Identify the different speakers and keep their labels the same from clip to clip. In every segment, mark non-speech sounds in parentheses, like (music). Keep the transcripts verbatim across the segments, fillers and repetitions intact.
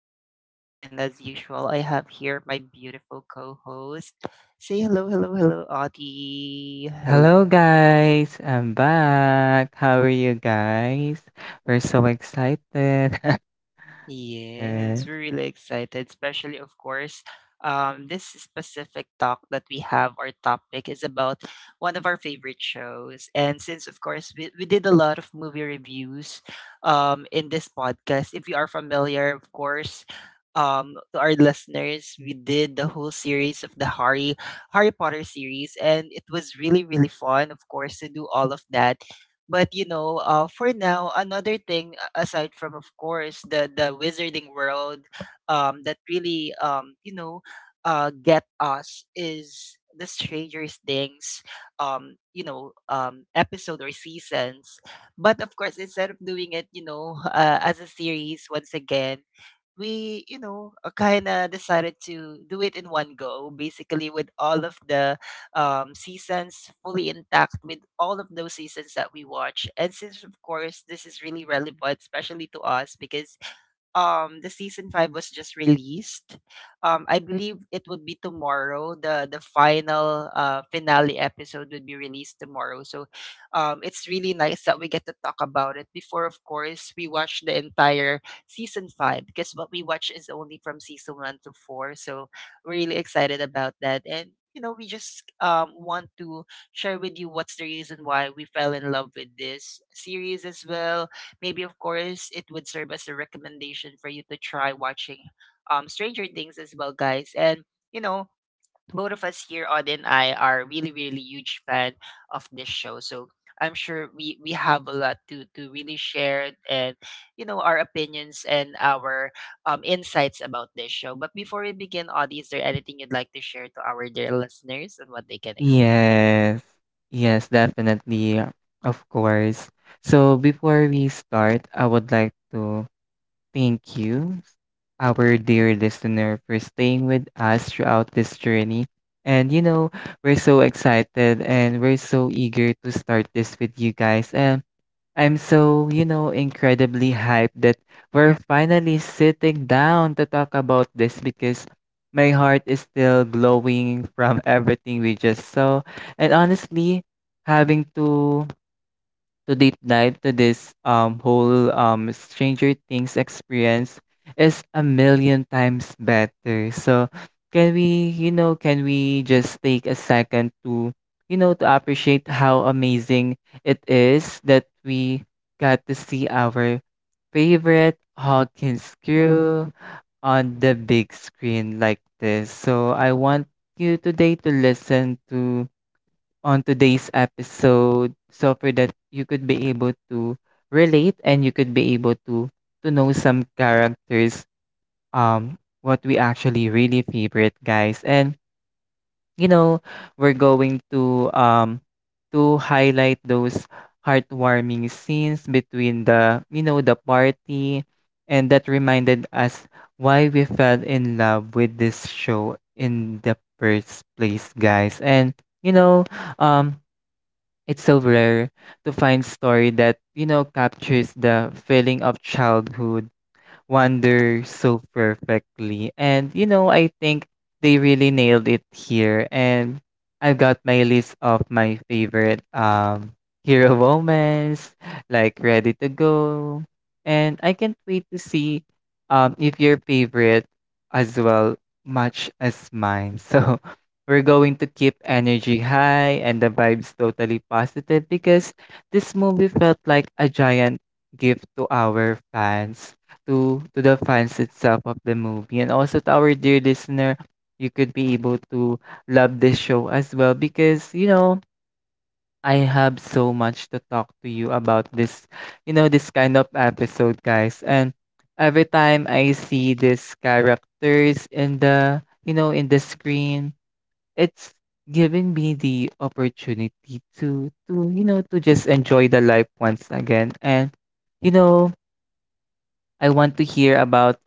Speaker 1: of Chaos, and as usual, I have here my beautiful co host. Say hello, hello, hello, Audie.
Speaker 2: Hello guys, I'm back. How are you guys? We're so excited. (laughs) Uh,
Speaker 1: Yes, we're really excited, especially, of course, um, this specific talk that we have, our topic is about one of our favorite shows. And since, of course, we, we did a lot of movie reviews um, in this podcast, if you are familiar, of course, um, to our listeners, we did the whole series of the Harry Harry Potter series, and it was really, really fun, of course, to do all of that. But you know, uh, for now, another thing a- aside from, of course, the the wizarding world, um, that really, um, you know, uh, get us is the Stranger Things, um, you know, um, episode or seasons. But of course, instead of doing it, you know, (laughs) uh, as a series once again, we, you know, kind of decided to do it in one go, basically with all of the um, seasons fully intact with all of those seasons that we watch. And since, of course, this is really relevant, especially to us, because um the season five was just released. Um I believe it would be tomorrow. The the final uh finale episode would be released tomorrow. So um it's really nice that we get to talk about it before, of course, we watch the entire season five, because what we watch is only from season one to four. So we're really excited about that, and you know, we just um want to share with you what's the reason why we fell in love with this series as well. Maybe, of course, it would serve as a recommendation for you to try watching um, Stranger Things as well, guys. And, you know, both of us here, Odd and I, are really, really huge fan of this show. So I'm sure we, we have a lot to, to really share and, you know, our opinions and our um, insights about this show. But before we begin, Audie, is there anything you'd like to share to our dear listeners and what they can expect?
Speaker 2: yes. Yes, definitely. Of course. So before we start, I would like to thank you, our dear listener, for staying with us throughout this journey. And you know, we're so excited and we're so eager to start this with you guys. And I'm so, you know, incredibly hyped that we're finally sitting down to talk about this because my heart is still glowing from everything we just saw. And honestly, having to to deep dive to this um whole um Stranger Things experience is a million times better. So can we, you know, can we just take a second to, you know, to appreciate how amazing it is that we got to see our favorite Hawkins crew on the big screen like this. So I want you today to listen to on today's episode. So for that, you could be able to relate and you could be able to to know some characters. Um, what we actually really favorite, guys, and you know we're going to um to highlight those heartwarming scenes between the you know the party, and that reminded us why we fell in love with this show in the first place, guys. And you know, um it's so rare to find story that, you know, captures the feeling of childhood wonder so perfectly. And you know, I think they really nailed it here. And I've got my list of my favorite um hero (laughs) moments, like ready to go. And I can't wait to see um if your favorite as well much as mine. (laughs) So we're going to keep energy high and the vibes totally positive because this movie felt like a giant gift to our fans to to the fans itself of the movie, and also to our dear listener. You could be able to love this show as well because you know I have so much to talk to you about this, you know, this kind of episode, guys. And every time I see these characters in the, you know, in the screen, it's giving me the opportunity to to you know to just enjoy the life once again. And you know, I want to hear about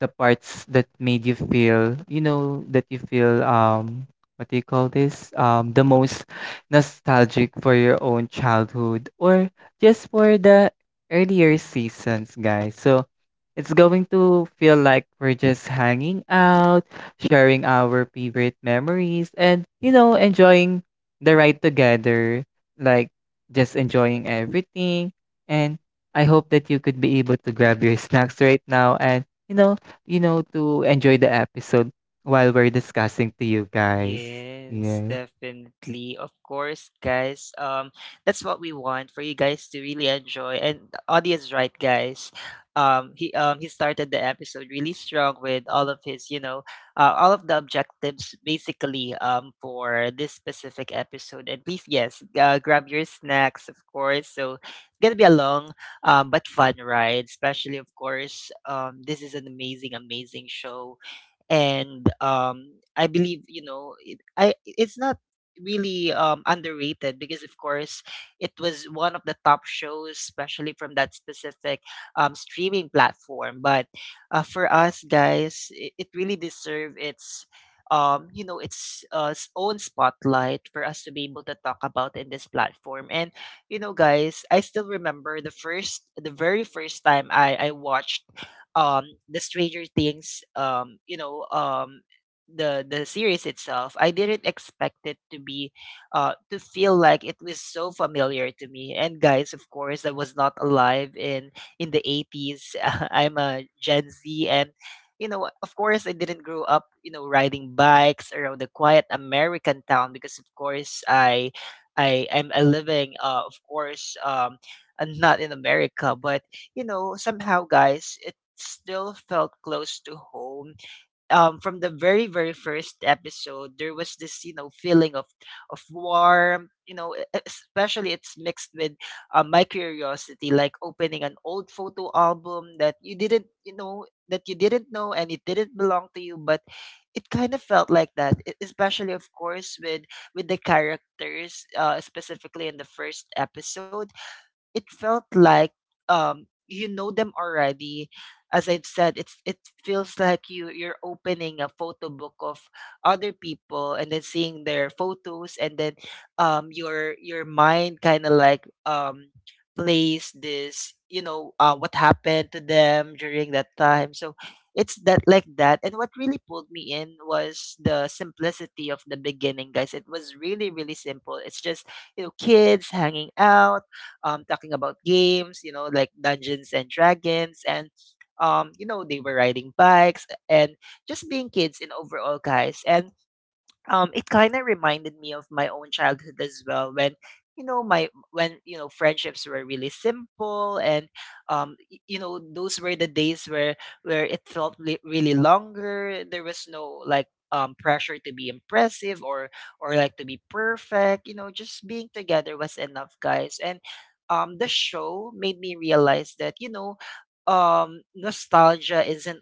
Speaker 2: the parts that made you feel, you know, that you feel, um, what do you call this? Um, the most nostalgic for your own childhood, or just for the earlier seasons, guys. So it's going to feel like we're just hanging out, sharing our favorite memories, and, you know, enjoying the ride together, like just enjoying everything. And I hope that you could be able to grab your snacks right now and, you know, you know, to enjoy the episode while we're discussing to you guys.
Speaker 1: Yes,
Speaker 2: Yes.
Speaker 1: definitely. Of course, guys. Um, that's what we want for you guys to really enjoy. And the audience, right, guys? Um, he um he started the episode really strong with all of his, you know, uh, all of the objectives basically um for this specific episode. And please, yes, uh, grab your snacks, of course. So it's gonna be a long um but fun ride, especially of course. Um, this is an amazing, amazing show, and um I believe, you know it, I it's not really um underrated because of course it was one of the top shows, especially from that specific um streaming platform. But uh, for us guys, it, it really deserve its um you know, its uh, s- own spotlight for us to be able to talk about in this platform. And you know guys, I still remember the first the very first time i i watched um the Stranger Things, um you know um the the series itself. I didn't expect it to be uh to feel like it was so familiar to me. And guys, of course, I was not alive in in the eighties (laughs) I'm a Gen Z, and you know, of course, I didn't grow up, you know, riding bikes around the quiet American town, because of course, i i i'm a living, uh of course, um (laughs) uh, not in America. But you know, somehow, guys, it still felt close to home. Um, from the very, very first episode, there was this, you know, feeling of of warmth. You know, e- e, especially it's mixed with uh, my curiosity, like opening an old photo album that you didn't, you know, that you didn't know and it didn't belong to you, but it kind of felt like that. e- Especially, of course, with with the characters, uh, specifically in the first episode. It felt like um you know them already. As I've said, it's it feels like you you're opening a photo book of other people and then seeing their photos, and then um your your mind kind of like um plays this, you know, uh, what happened to them during that time. So it's that like that. And what really pulled me in was the simplicity of the beginning, guys. It was really, really simple. It's just, you know, kids hanging out, um, talking about games, you know, like Dungeons and Dragons, and um, you know, they were riding bikes and just being kids in overall, guys. And um, it kind of reminded me of my own childhood as well, when you know my when you know, friendships were really simple, and um y- you know, those were the days where where it felt li- really longer. There was no like um pressure to be impressive or or like to be perfect. You know, just being together was enough, guys. And um the show made me realize that, you know, um nostalgia isn't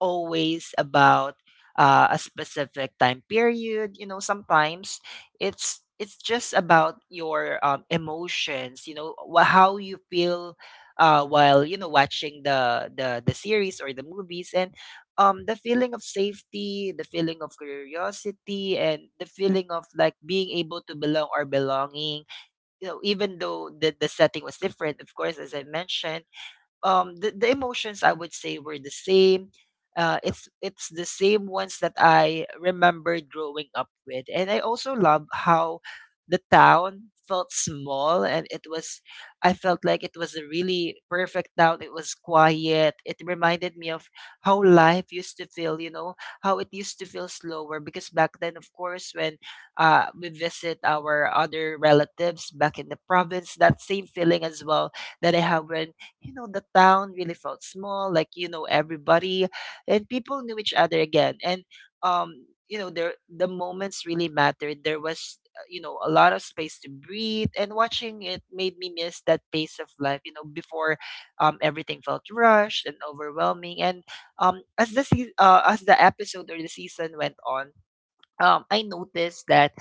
Speaker 1: always about uh, a specific time period. You know, sometimes it's it's just about your um, emotions. You know, wh- how you feel uh, while, you know, watching the the the series or the movies, and um, the feeling of safety, the feeling of curiosity, and the feeling of like being able to belong or belonging. You know, even though the the setting was different, of course, as I mentioned, um the, the emotions, I would say, were the same. Uh, it's it's the same ones that I remembered growing up with. And I also love how the town felt small. And it was, I felt like, it was a really perfect town. It was quiet. It reminded me of how life used to feel, you know, how it used to feel slower. Because back then, of course, when uh, we visit our other relatives back in the province, that same feeling as well that I have when, you know, the town really felt small, like you know everybody, and people knew each other again. And um, you know, there the moments really mattered. There was, uh, you know, a lot of space to breathe, and watching it made me miss that pace of life. You know, before um everything felt rushed and overwhelming. And um as the se- uh, as the episode or the season went on, um, I noticed that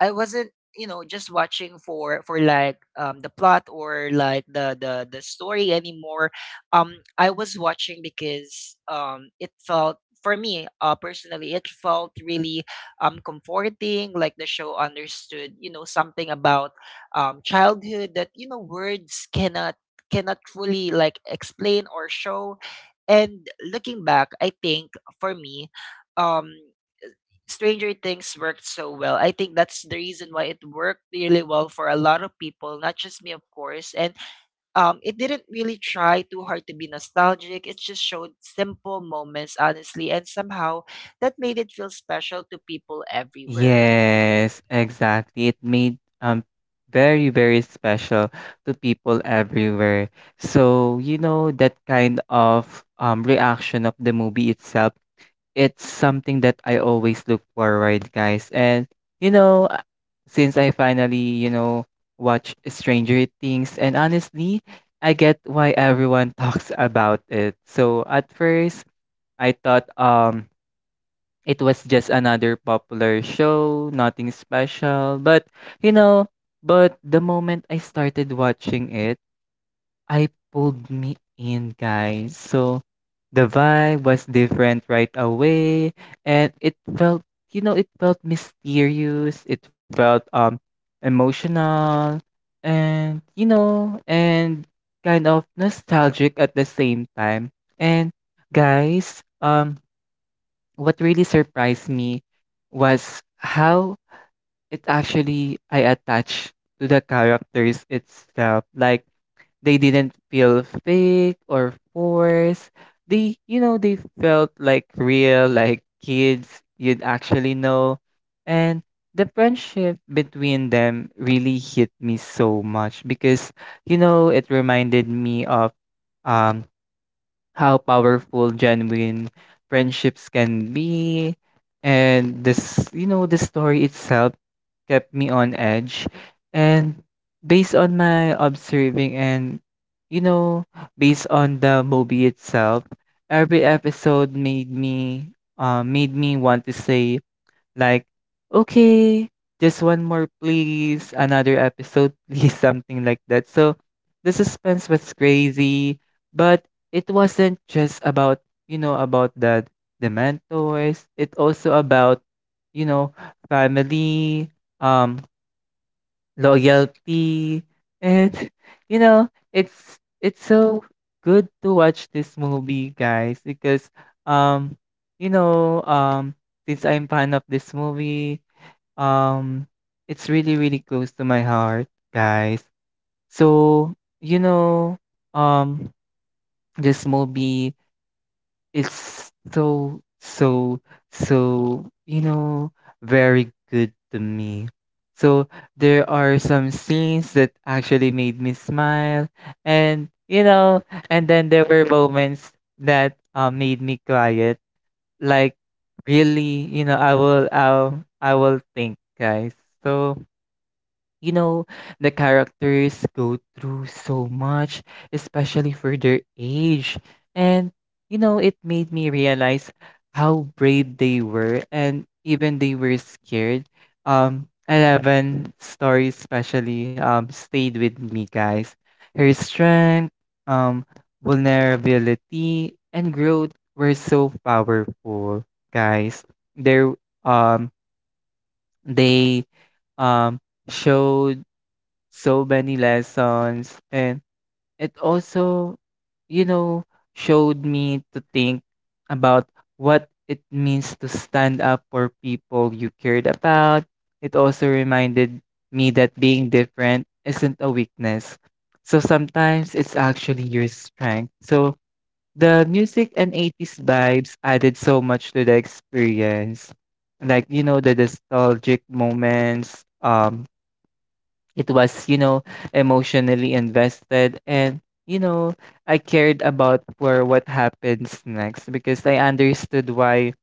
Speaker 1: I wasn't, you know, just watching for for like um, the plot or like the the the story anymore. Um, I was watching because um, it felt for me, uh, personally, it felt really um comforting. Like the show understood, you know, something about um childhood that, you know, words cannot cannot fully like explain or show. And looking back, I think for me, um Stranger Things worked so well. I think that's the reason why it worked really well for a lot of people, not just me, of course. And um, it didn't really try too hard to be nostalgic. It just showed simple moments, honestly, and somehow that made it feel special to people everywhere.
Speaker 2: Yes, exactly. It made um very, very special to people everywhere. So, you know, that kind of um reaction of the movie itself, it's something that I always look forward, guys. And you know, uh, since I finally, you know, watch Stranger Things, and honestly, I get why everyone (laughs) talks about it. So at first, I thought um it was just another popular show, nothing special, but you know, but the moment I started watching it, I pulled me in, guys. So the vibe was different right away, and it felt, you know, it felt mysterious. It felt um emotional, and you know, and kind of nostalgic at the same time. And guys, um, what really surprised me was how it actually I attached to the characters itself, like they didn't feel fake or forced. They, you know, they felt like real, like kids you'd actually know. And the friendship between them really hit me so much because, you know, it reminded me of um how powerful genuine friendships can be. And this, you know, the story itself kept me on edge. And based on my observing and, you know, based on the movie itself, every episode made me, uh, made me want to say like, "Okay, just one more please, another episode (laughs) please," something like that. So, the suspense was crazy, but it wasn't just about, you know, about the the mentors. It also about, you know, family, um, loyalty, and (laughs) you know, it's it's so good to watch this movie, guys, because um, you know, um, since I'm fan of this movie, um, it's really, really close to my heart, guys. So, you know, um, this movie it's so, so, so, you know, very good to me. So there are some scenes that actually made me smile, and you know, and then there were moments that uh, made me quiet. Like really, you know, I will I'll I will think, guys. So you know, the characters go through so much, especially for their age. And, you know, it made me realize how brave they were and even they were scared. Um, eleven story especially um, stayed with me, guys. Her strength, um, vulnerability, and growth were so powerful, guys. There, um, they um, showed so many lessons, and it also you know showed me to think about what it means to stand up for people you cared about. It also reminded me that being different isn't a weakness, so sometimes it's actually your strength. So the music and eighties vibes added so much to the experience, like you know the nostalgic moments. Um it was, you know, emotionally invested, and you know I cared about for what happens next because I understood why.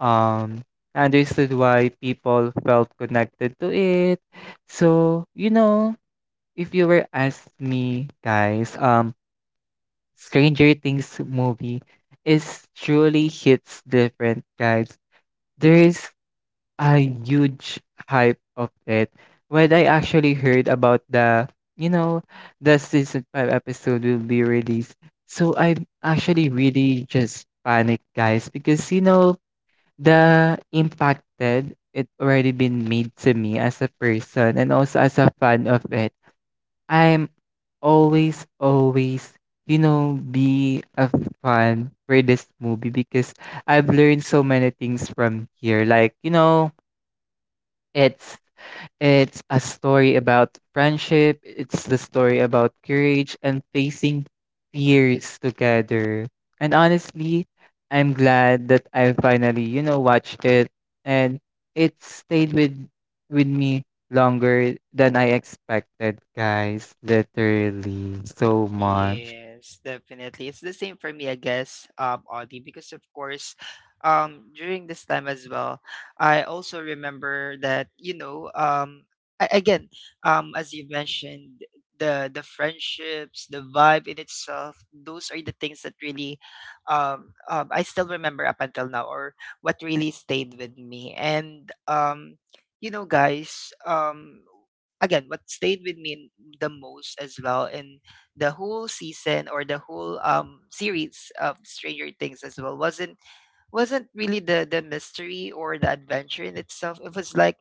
Speaker 2: um I understood why people felt connected to it. So you know, if you were asked me, guys, um Stranger Things movie is truly hits different, guys. There's a huge hype of it. When I actually heard about the, you know, the season five episode will be released. So I'm actually really just panicked, guys, because you know the impacted it already been made to me as a person and also as a fan of it. I'm always, always, you know, be a fan for this movie because I've learned so many things from here. Like you know It's it's a story about friendship. It's the story about courage and facing fears together. And honestly, I'm glad that I finally, you know, watched it, and it stayed with with me longer than I expected, guys. Literally so much.
Speaker 1: Yes, definitely. It's the same for me, I guess, um, Audie, because of course, um, during this time as well, I also remember that, you know, um, a- again, um, as you mentioned, the the friendships, the vibe in itself, those are the things that really, um, um, I still remember up until now, or what really stayed with me. And um, you know, guys, um, again, what stayed with me the most as well, and the whole season or the whole um series of Stranger Things as well, wasn't wasn't really the the mystery or the adventure in itself. It was like,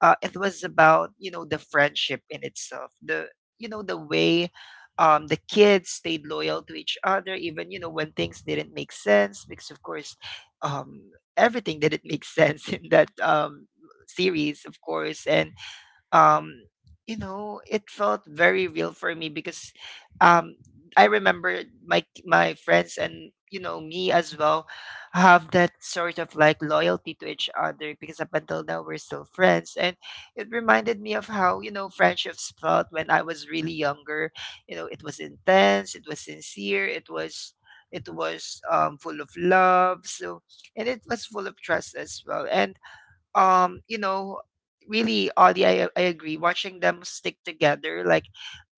Speaker 1: uh it was about, you know, the friendship in itself. The you know, the way um the kids stayed loyal to each other, even, you know, when things didn't make sense, because of course um everything didn't make sense (laughs) in that um series, of course. And um you know, it felt very real for me, because um I remember my my friends, and you know, me as well, have that sort of like loyalty to each other, because up until now we're still friends. And it reminded me of how, you know, friendships felt when I was really younger. You know, it was intense, it was sincere, it was it was um, full of love. So, and it was full of trust as well. And um you know really, Audie, I, I agree, watching them stick together like.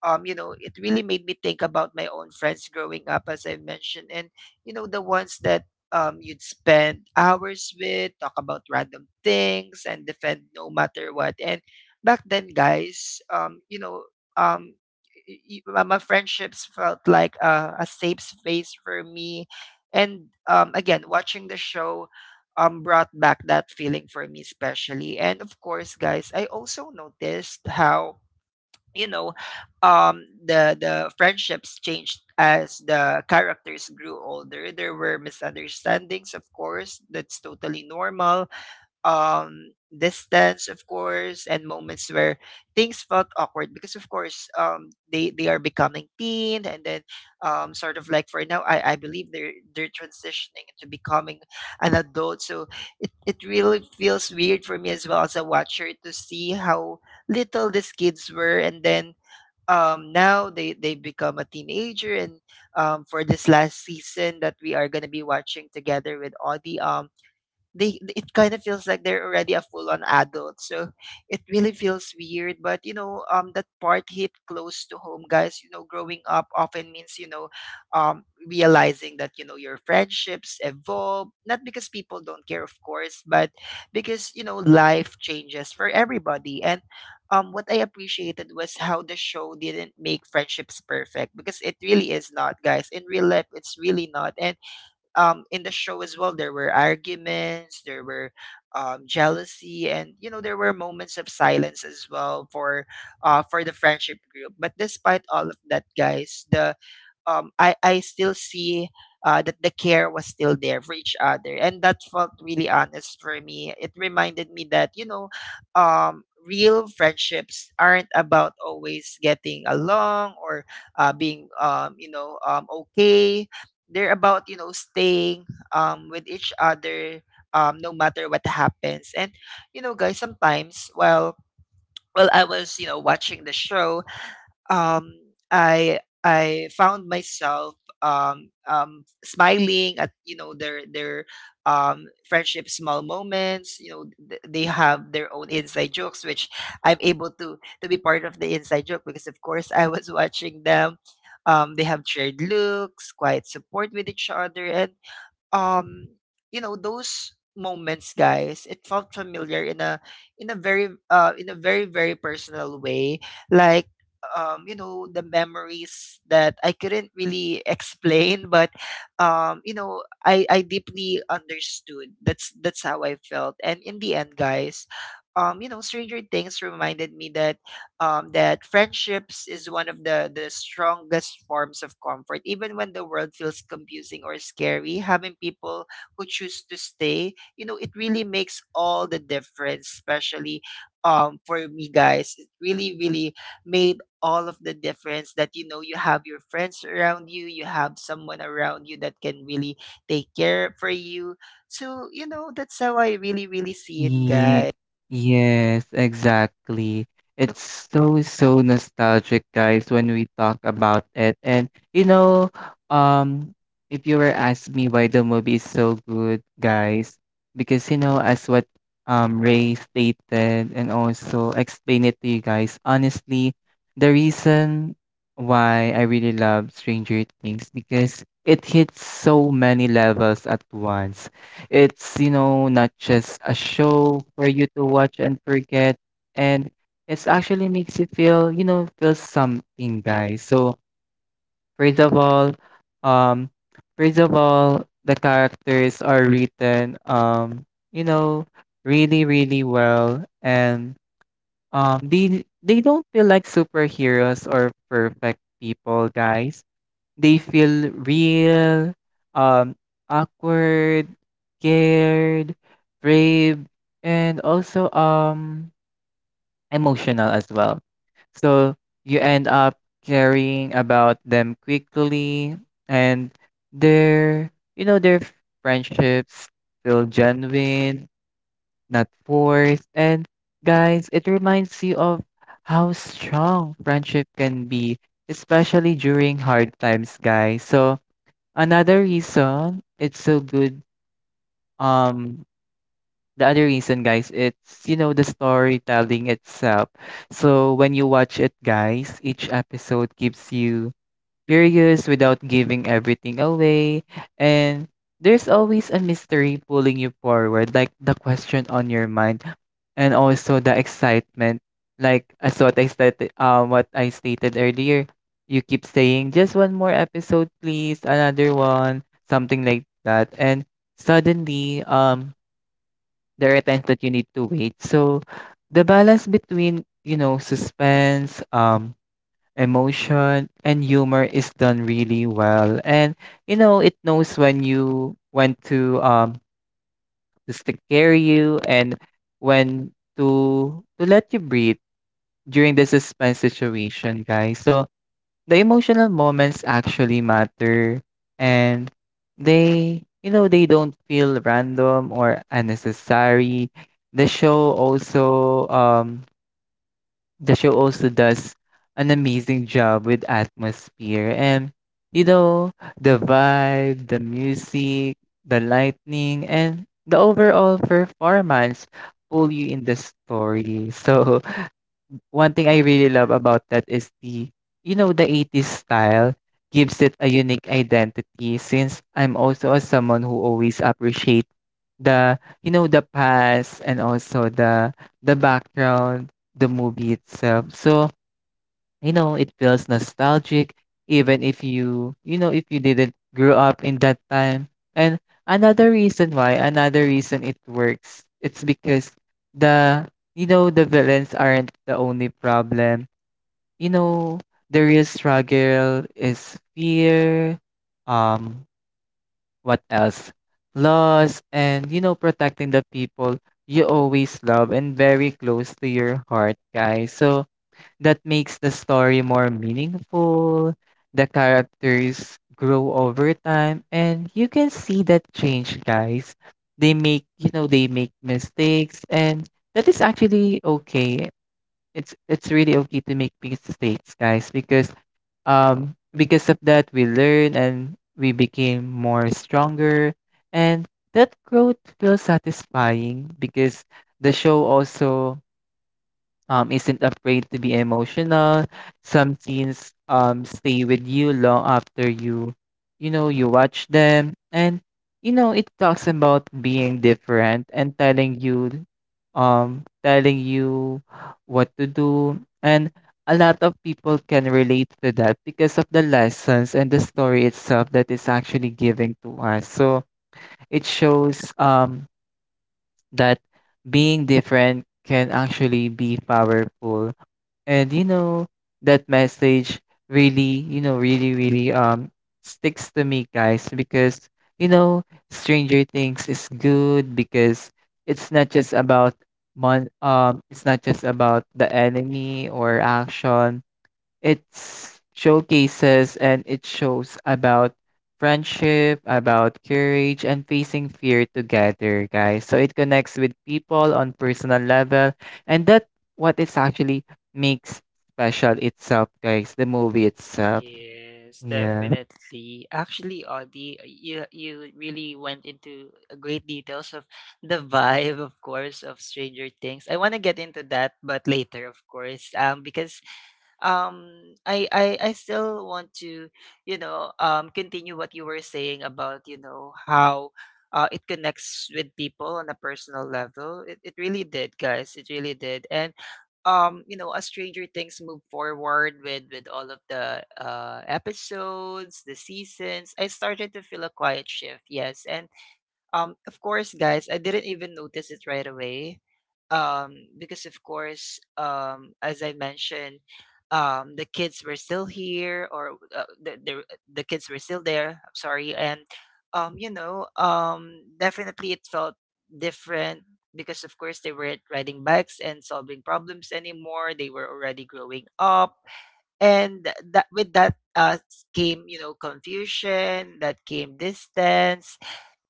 Speaker 1: um you know It really made me think about my own friends growing up, as I mentioned. And you know, the ones that um you'd spend hours with, talk about random things, and defend no matter what. And back then, guys, um you know um y- y- my friendships felt like a, a safe space for me. And um, again, watching the show um brought back that feeling for me, especially. And of course, guys, I also noticed how, you know um the the friendships changed as the characters grew older. There were misunderstandings, of course. That's totally normal. um Distance, of course, and moments where things felt awkward, because of course um they they are becoming teen, and then um sort of like for now, i i believe they're they're transitioning into becoming an adult. So it, it really feels weird for me as well, as a watcher, to see how little these kids were, and then um now they they've become a teenager. And um for this last season that we are going to be watching together with Audie, um they it kind of feels like they're already a full-on adult. So it really feels weird. But you know, um that part hit close to home, guys. You know, growing up often means, you know, um realizing that, you know, your friendships evolve, not because people don't care, of course, but because, you know, life changes for everybody. And um what I appreciated was how the show didn't make friendships perfect, because it really is not, guys. In real life, it's really not. And um, in the show as well, there were arguments, there were um, jealousy, and you know, there were moments of silence as well for uh, for the friendship group. But despite all of that, guys, the um, I I still see uh, that the care was still there for each other, and that felt really honest for me. It reminded me that, you know, um, real friendships aren't about always getting along, or uh, being um, you know um, okay. They're about, you know, staying um with each other um no matter what happens. And you know, guys, sometimes while while I was, you know, watching the show, um, I I found myself um, um, smiling at, you know, their their um, friendship small moments. You know, th- they have their own inside jokes, which I'm able to to be part of the inside joke, because of course I was (laughs) watching them. Um, they have shared looks, quiet support with each other, and um you know those moments, guys, it felt familiar in a, in a very uh in a very very personal way. Like um you know, the memories that I couldn't really explain, but um you know i i deeply understood. That's that's how I felt. And in the end, guys, um you know, Stranger Things reminded me that um, that friendships is one of the, the strongest forms of comfort. Even when the world feels confusing or scary, having people who choose to stay, you know, it really makes all the difference, especially um, for me, guys. It really, really made all of the difference that, you know, you have your friends around you, you have someone around you that can really take care for you. So, you know, that's how I really, really see it,
Speaker 2: Ye
Speaker 1: guys.
Speaker 2: yes, exactly. It's so, so nostalgic, guys, when we talk about it. And you know, um, if you were asking me why the movie is so good, guys, because you know, as what um Ray stated and also explain it to you guys, honestly, the reason why I really love Stranger Things because it hits so many levels at once. It's, you know, not just a show for you to watch and forget. And it's actually makes you feel, you know, feel something, guys. So first of all, um, first of all, the characters are written, um, you know, really, really well. And um, they they don't feel like superheroes or perfect people, guys. They feel real, um, awkward, scared, brave, and also um emotional as well. So you end up caring about them quickly, and their you know their friendships feel genuine, not forced, and guys it reminds you of how strong friendship can be, especially during hard times, guys. So another reason it's so good, um, the other reason, guys, it's, you know, the storytelling itself. So when you watch it, guys, each episode gives you curious without giving everything away, and there's always a mystery pulling you forward, like the question on your mind, and also the excitement. Like as what I stated, uh, what I stated earlier, you keep saying just one more episode, please, another one, something like that, and suddenly, um, there are times that you need to wait. So, the balance between you know suspense, um, emotion and humor is done really well, and you know it knows when you when to um just to scare you, and when to to let you breathe during the suspense situation, guys. So the emotional moments actually matter, and they you know they don't feel random or unnecessary. The show also um the show also does an amazing job with atmosphere, and you know the vibe, the music, the lightning and the overall performance pull you in the story. (laughs) So one thing I really love about that is the you know, the eighties style gives it a unique identity, since I'm also a someone who always appreciate the you know, the past and also the the background, the movie itself. So you know, it feels nostalgic, even if you, you know, if you didn't grow up in that time. And another reason why, another reason it works, it's because the, you know, the villains aren't the only problem. You know, the real struggle is fear, um, what else? Loss, and, you know, protecting the people you always love and very close to your heart, guys. So, that makes the story more meaningful. The characters grow over time and you can see that change, guys. They make, you know, they make mistakes and that is actually okay. It's it's really okay to make mistakes, guys, because um because of that we learn and we became more stronger and that growth feels satisfying because the show also um, isn't afraid to be emotional. Some scenes um, stay with you long after you, you know, you watch them. And, you know, it talks about being different and telling you, um, telling you what to do. And a lot of people can relate to that because of the lessons and the story itself that is actually giving to us. So it shows um, that being different can actually be powerful and you know that message really you know really really um sticks to me guys because you know stranger things is good because it's not just about mon- um it's not just about the enemy or action it showcases and it shows about friendship, about courage, and facing fear together, guys. So it connects with people on personal level, and that what it's actually makes special itself, guys. The movie itself.
Speaker 1: Yes,
Speaker 2: Yeah.
Speaker 1: definitely. Actually, Audie, you you really went into a great details of the vibe, of course, of Stranger Things. I want to get into that, but later, of course, um, because um I, I I still want to you know um continue what you were saying about, you know, how uh, it connects with people on a personal level. It, it really did, guys, it really did. And um you know, as Stranger Things move forward with with all of the uh episodes, the seasons, I started to feel a quiet shift. Yes. And um, of course, guys, I didn't even notice it right away. Um, because of course, um, as I mentioned, um, the kids were still here, or uh, the, the the kids were still there. I'm sorry. And um, you know, um, definitely it felt different, because of course they weren't riding bikes and solving problems anymore. They were already growing up, and that, with that uh, came, you know, confusion. That came distance,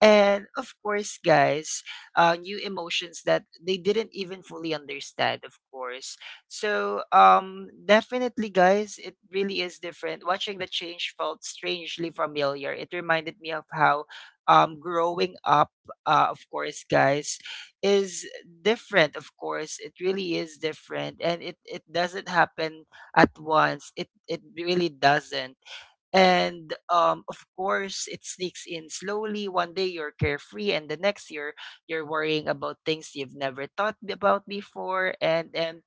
Speaker 1: and of course, guys, uh, new emotions that they didn't even fully understand, of course. So, um, definitely, guys, it really is different. Watching the change felt strangely familiar. It reminded me of how, um, growing up, uh, of course, guys, is different, of course. It really is different. And it, it doesn't happen at once. It, it really doesn't. And um, of course, it sneaks in slowly. One day you're carefree, and the next year you're worrying about things you've never thought b- about before. And and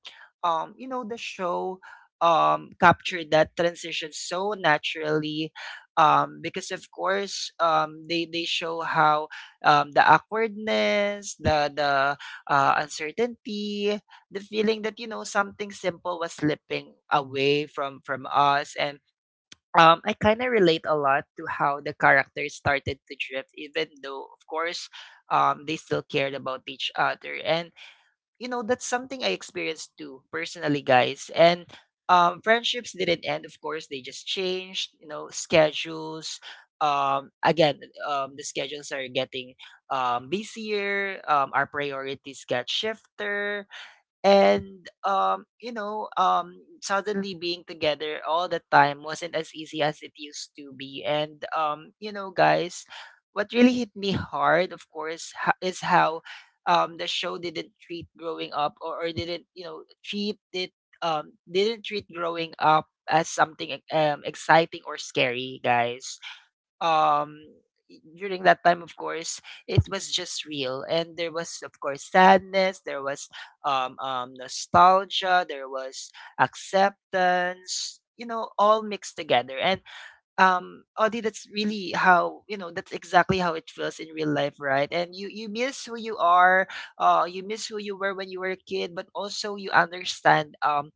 Speaker 1: um, you know, the show um, captured that transition so naturally, um, because of course um, they they show how um, the awkwardness, the the uh, uncertainty, the feeling that, you know, something simple was slipping away from from us. And um, I kind of relate a lot to how the characters started to drift, even though, of course, um, they still cared about each other. And, you know, that's something I experienced too, personally, guys. And um, friendships didn't end, of course, they just changed, you know, schedules. Um, again, um, the schedules are getting um, busier, um, our priorities got shifted. And um you know um suddenly being together all the time wasn't as easy as it used to be. And um you know guys, what really hit me hard, of course, ha- is how um the show didn't treat growing up, or, or didn't, you know, treat it, um didn't treat growing up as something e- um exciting or scary, guys. um During that time, of course, it was just real. And there was, of course, sadness, there was um, um nostalgia, there was acceptance, you know, all mixed together. And um Audie, that's really how, you know, that's exactly how it feels in real life, right? And you you miss who you are, uh you miss who you were when you were a kid, but also you understand um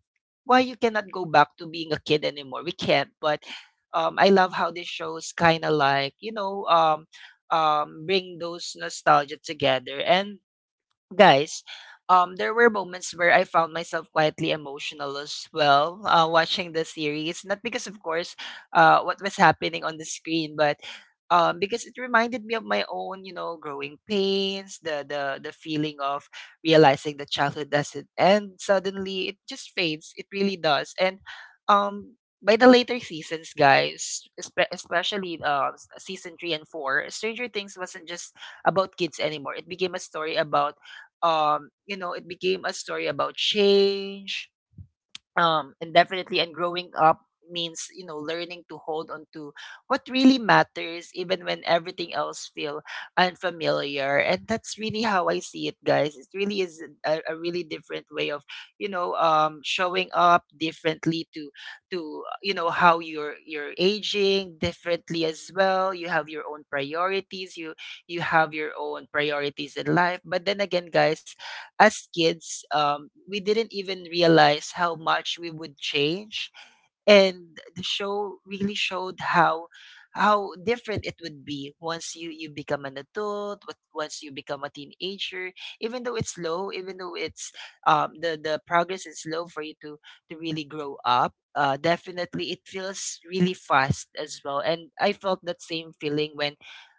Speaker 1: why you cannot go back to being a kid anymore. We can't. But um I love how this shows kinda like, you know, um um bring those nostalgia together. And guys, um, there were moments where I found myself quietly emotional as well, uh, watching the series. Not because, of course, uh, what was happening on the screen, but um, because it reminded me of my own, you know, growing pains, the, the the feeling of realizing that childhood doesn't end suddenly. It just fades. It really does. And um, by the later seasons, guys, espe- especially uh, s- season three and four, Stranger Things wasn't just about kids anymore. It became a story about um you know it became a story about change, um and definitely, and growing up means, you know, learning to hold on to what really matters, even when everything else feel unfamiliar. And that's really how I see it, guys. It really is a, a really different way of, you know um showing up differently to to uh, you know, how you're you're aging differently as well. You have your own priorities, you you have your own priorities in life. But then again, guys, as kids, um, we didn't even realize how much we would change. And the show really showed how how different it would be once you you become an adult. What- once you become a teenager, even though it's slow, even though it's um the the progress is slow for you to to really grow up. Uh definitely, it feels really fast as well. And I felt that same feeling when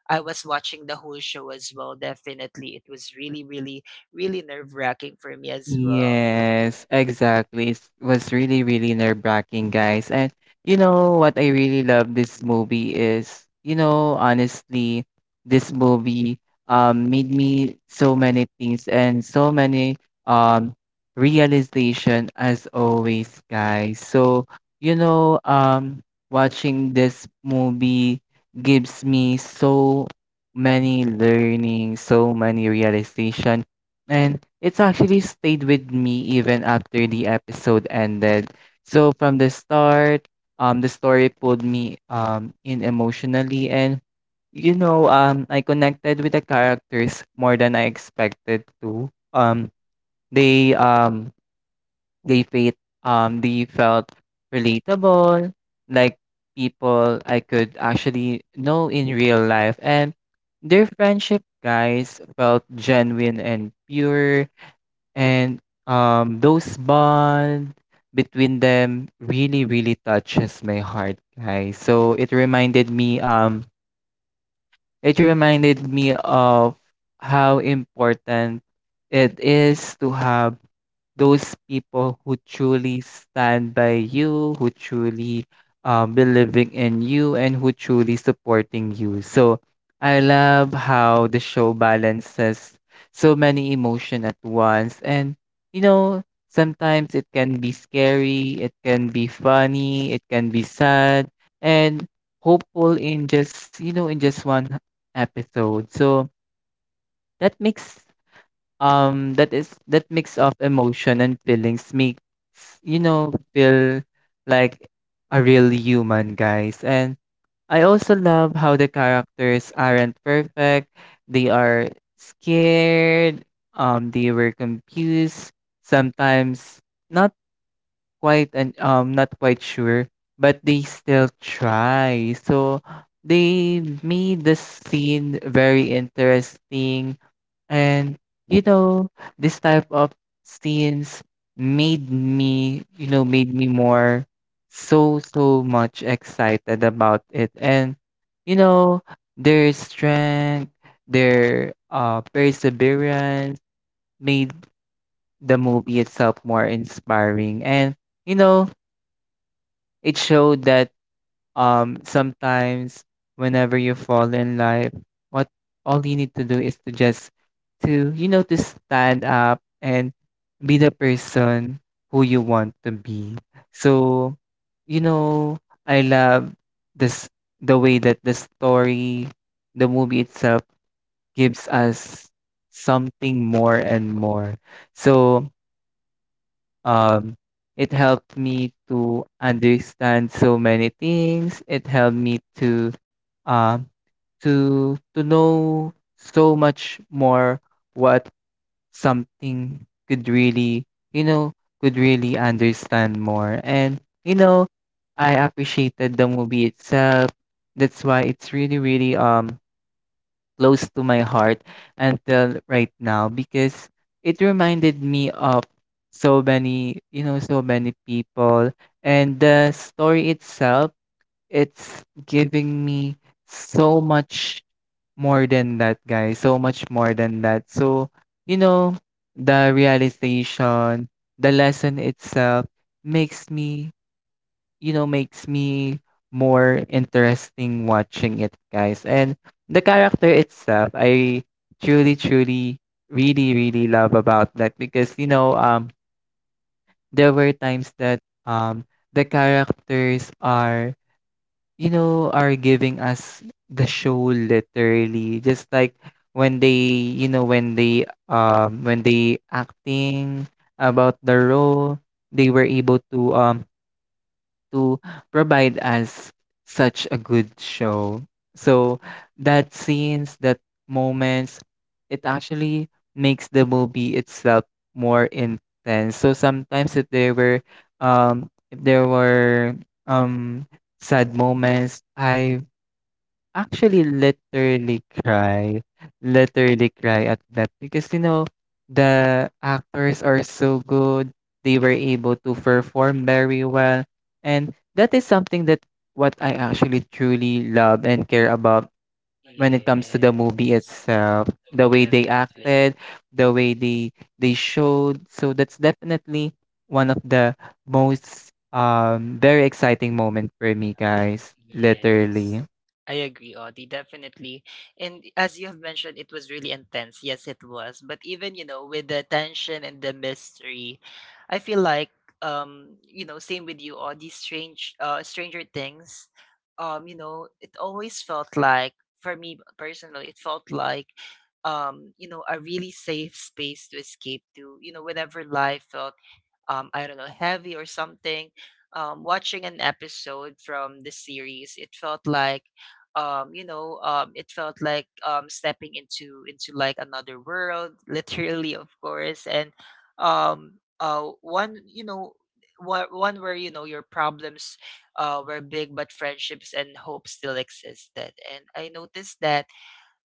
Speaker 1: I was watching the whole show as well. Definitely, it was really, really, really nerve-wracking for me as well.
Speaker 2: Yes, exactly. It was really, really nerve-wracking, guys. And you know what I really love this movie is, you know, honestly, this movie um made me so many things and so many um realization as always, guys. So, you know, um watching this movie gives me so many learning, so many realization and it's actually stayed with me even after the episode ended. So from the start, um, the story pulled me um in emotionally, and you know, um, I connected with the characters more than I expected to. Um, they um they felt um they felt relatable, like people I could actually know in real life, and their friendship, guys, felt genuine and pure. And, um, those bond between them really, really touches my heart, guys. So it reminded me, um, it reminded me of how important it is to have those people who truly stand by you, who truly uh, believing in you, and who truly supporting you. So I love how the show balances so many emotion at once, and you know sometimes it can be scary, it can be funny, it can be sad, and hopeful in just you know in just one episode. So that mix um that is that mix of emotion and feelings makes you know feel like a real human guys. And I also love how the characters aren't perfect. They are scared, um they were confused, sometimes not quite and um not quite sure, but they still try. So they made the scene very interesting and you know, this type of scenes made me, you know, made me more so so much excited about it. And you know, their strength, their uh perseverance made the movie itself more inspiring. And you know, it showed that um sometimes whenever you fall in life what all you need to do is to just to you know to stand up and be the person who you want to be so you know I love this the way that the story the movie itself gives us something more and more so um, it helped me to understand so many things. It helped me to um to to know so much more what something could really, you know, could really understand more. And you know, I appreciated the movie itself. That's why it's really really um close to my heart until right now because it reminded me of so many, you know, so many people and the story itself, it's giving me so much more than that, guys. So much more than that. So, you know, the realization, the lesson itself makes me you know, makes me more interesting watching it, guys. And the character itself, I truly, truly, really, really love about that because, you know, um, there were times that um, the characters are, you know, are giving us the show literally, just like when they, you know, when they, um, when they acting about the role, they were able to um to provide us such a good show. So that scenes, that moments, it actually makes the movie itself more intense. So sometimes if there were um if there were um sad moments, I actually, literally cry. Literally cry at that because you know the actors are so good. They were able to perform very well. And that is something that what I actually truly love and care about when it comes to the movie
Speaker 1: Yes,
Speaker 2: itself. The way they
Speaker 1: definitely.
Speaker 2: acted, the way they they showed. So that's definitely one of the most um very exciting moment for me, guys.
Speaker 1: Yes.
Speaker 2: Literally.
Speaker 1: I agree, Audie, definitely. And as you have mentioned, it was really intense. Yes, it was. But even, you know, with the tension and the mystery, I feel like, um, you know, same with you, Audie, strange uh Stranger Things. Um, you know, it always felt like for me personally, it felt like, um, you know, a really safe space to escape to, you know, whenever life felt, um, I don't know, heavy or something. Um, watching an episode from the series, it felt like, um, you know, um, it felt like, um, stepping into into like another world, (laughs) literally, of course. And um, uh, one, you know, one one where, you know, your problems uh, were big, but friendships and hope still existed. And I noticed that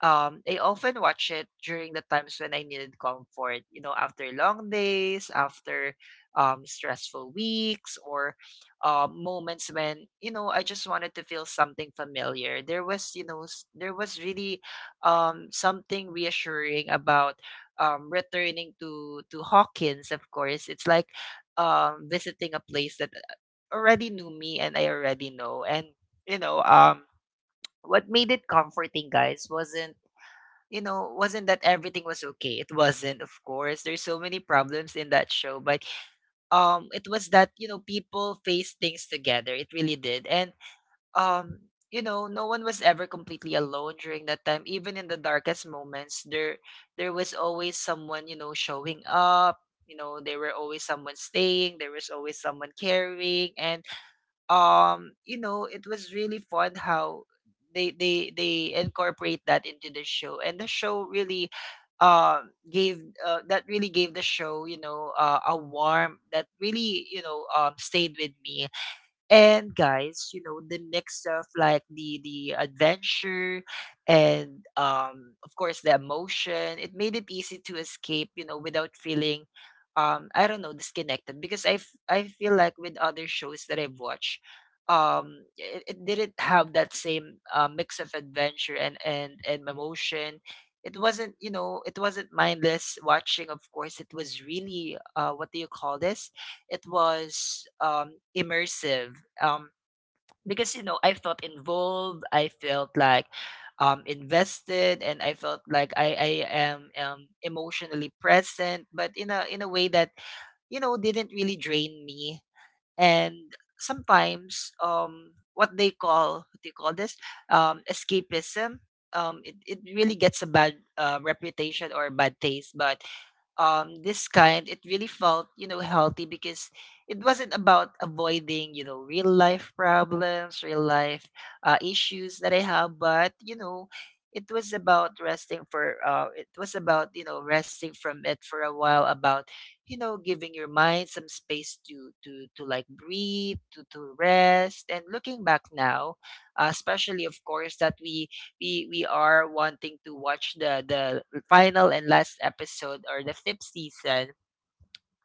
Speaker 1: um, I often watch it during the times when I needed comfort, you know, after long days, after um, stressful weeks, or uh, moments when, you know, I just wanted to feel something familiar. There was, you know, s- there was really um, something reassuring about um, returning to, to Hawkins, of course. It's like um, visiting a place that uh, already knew me and I already know. And, you know, um, what made it comforting, guys, wasn't you know, wasn't that everything was okay. It wasn't, of course. There's so many problems in that show, but um it was that, you know, people faced things together. It really did. And um you know, no one was ever completely alone during that time. Even in the darkest moments, there there was always someone, you know, showing up. You know, there were always someone staying, there was always someone caring and um you know it was really fun how they they they incorporate that into the show and the show really uh gave uh, that really gave the show you know uh, a warm that really you know um stayed with me and guys, you know, the mix of like the the adventure and um of course the emotion. It made it easy to escape, you know, without feeling um I don't know, disconnected because I f- I feel like with other shows that I've watched, um it, it didn't have that same uh, mix of adventure and and and emotion. It wasn't, you know, it wasn't mindless watching, of course. It was really uh what do you call this? It was um, immersive, um because you know I felt involved, I felt like um invested, and I felt like i i am um emotionally present, but in a in a way that you know didn't really drain me. And sometimes um what they call, what do you call this? Um escapism. um it, it really gets a bad uh, reputation or bad taste, but um this kind it really felt you know healthy because it wasn't about avoiding you know real life problems, real life uh, issues that I have, but you know it was about resting for uh it was about you know resting from it for a while, about you know giving your mind some space to to to like breathe, to to rest. And looking back now, uh, especially of course that we we we are wanting to watch the the final and last episode or the fifth season,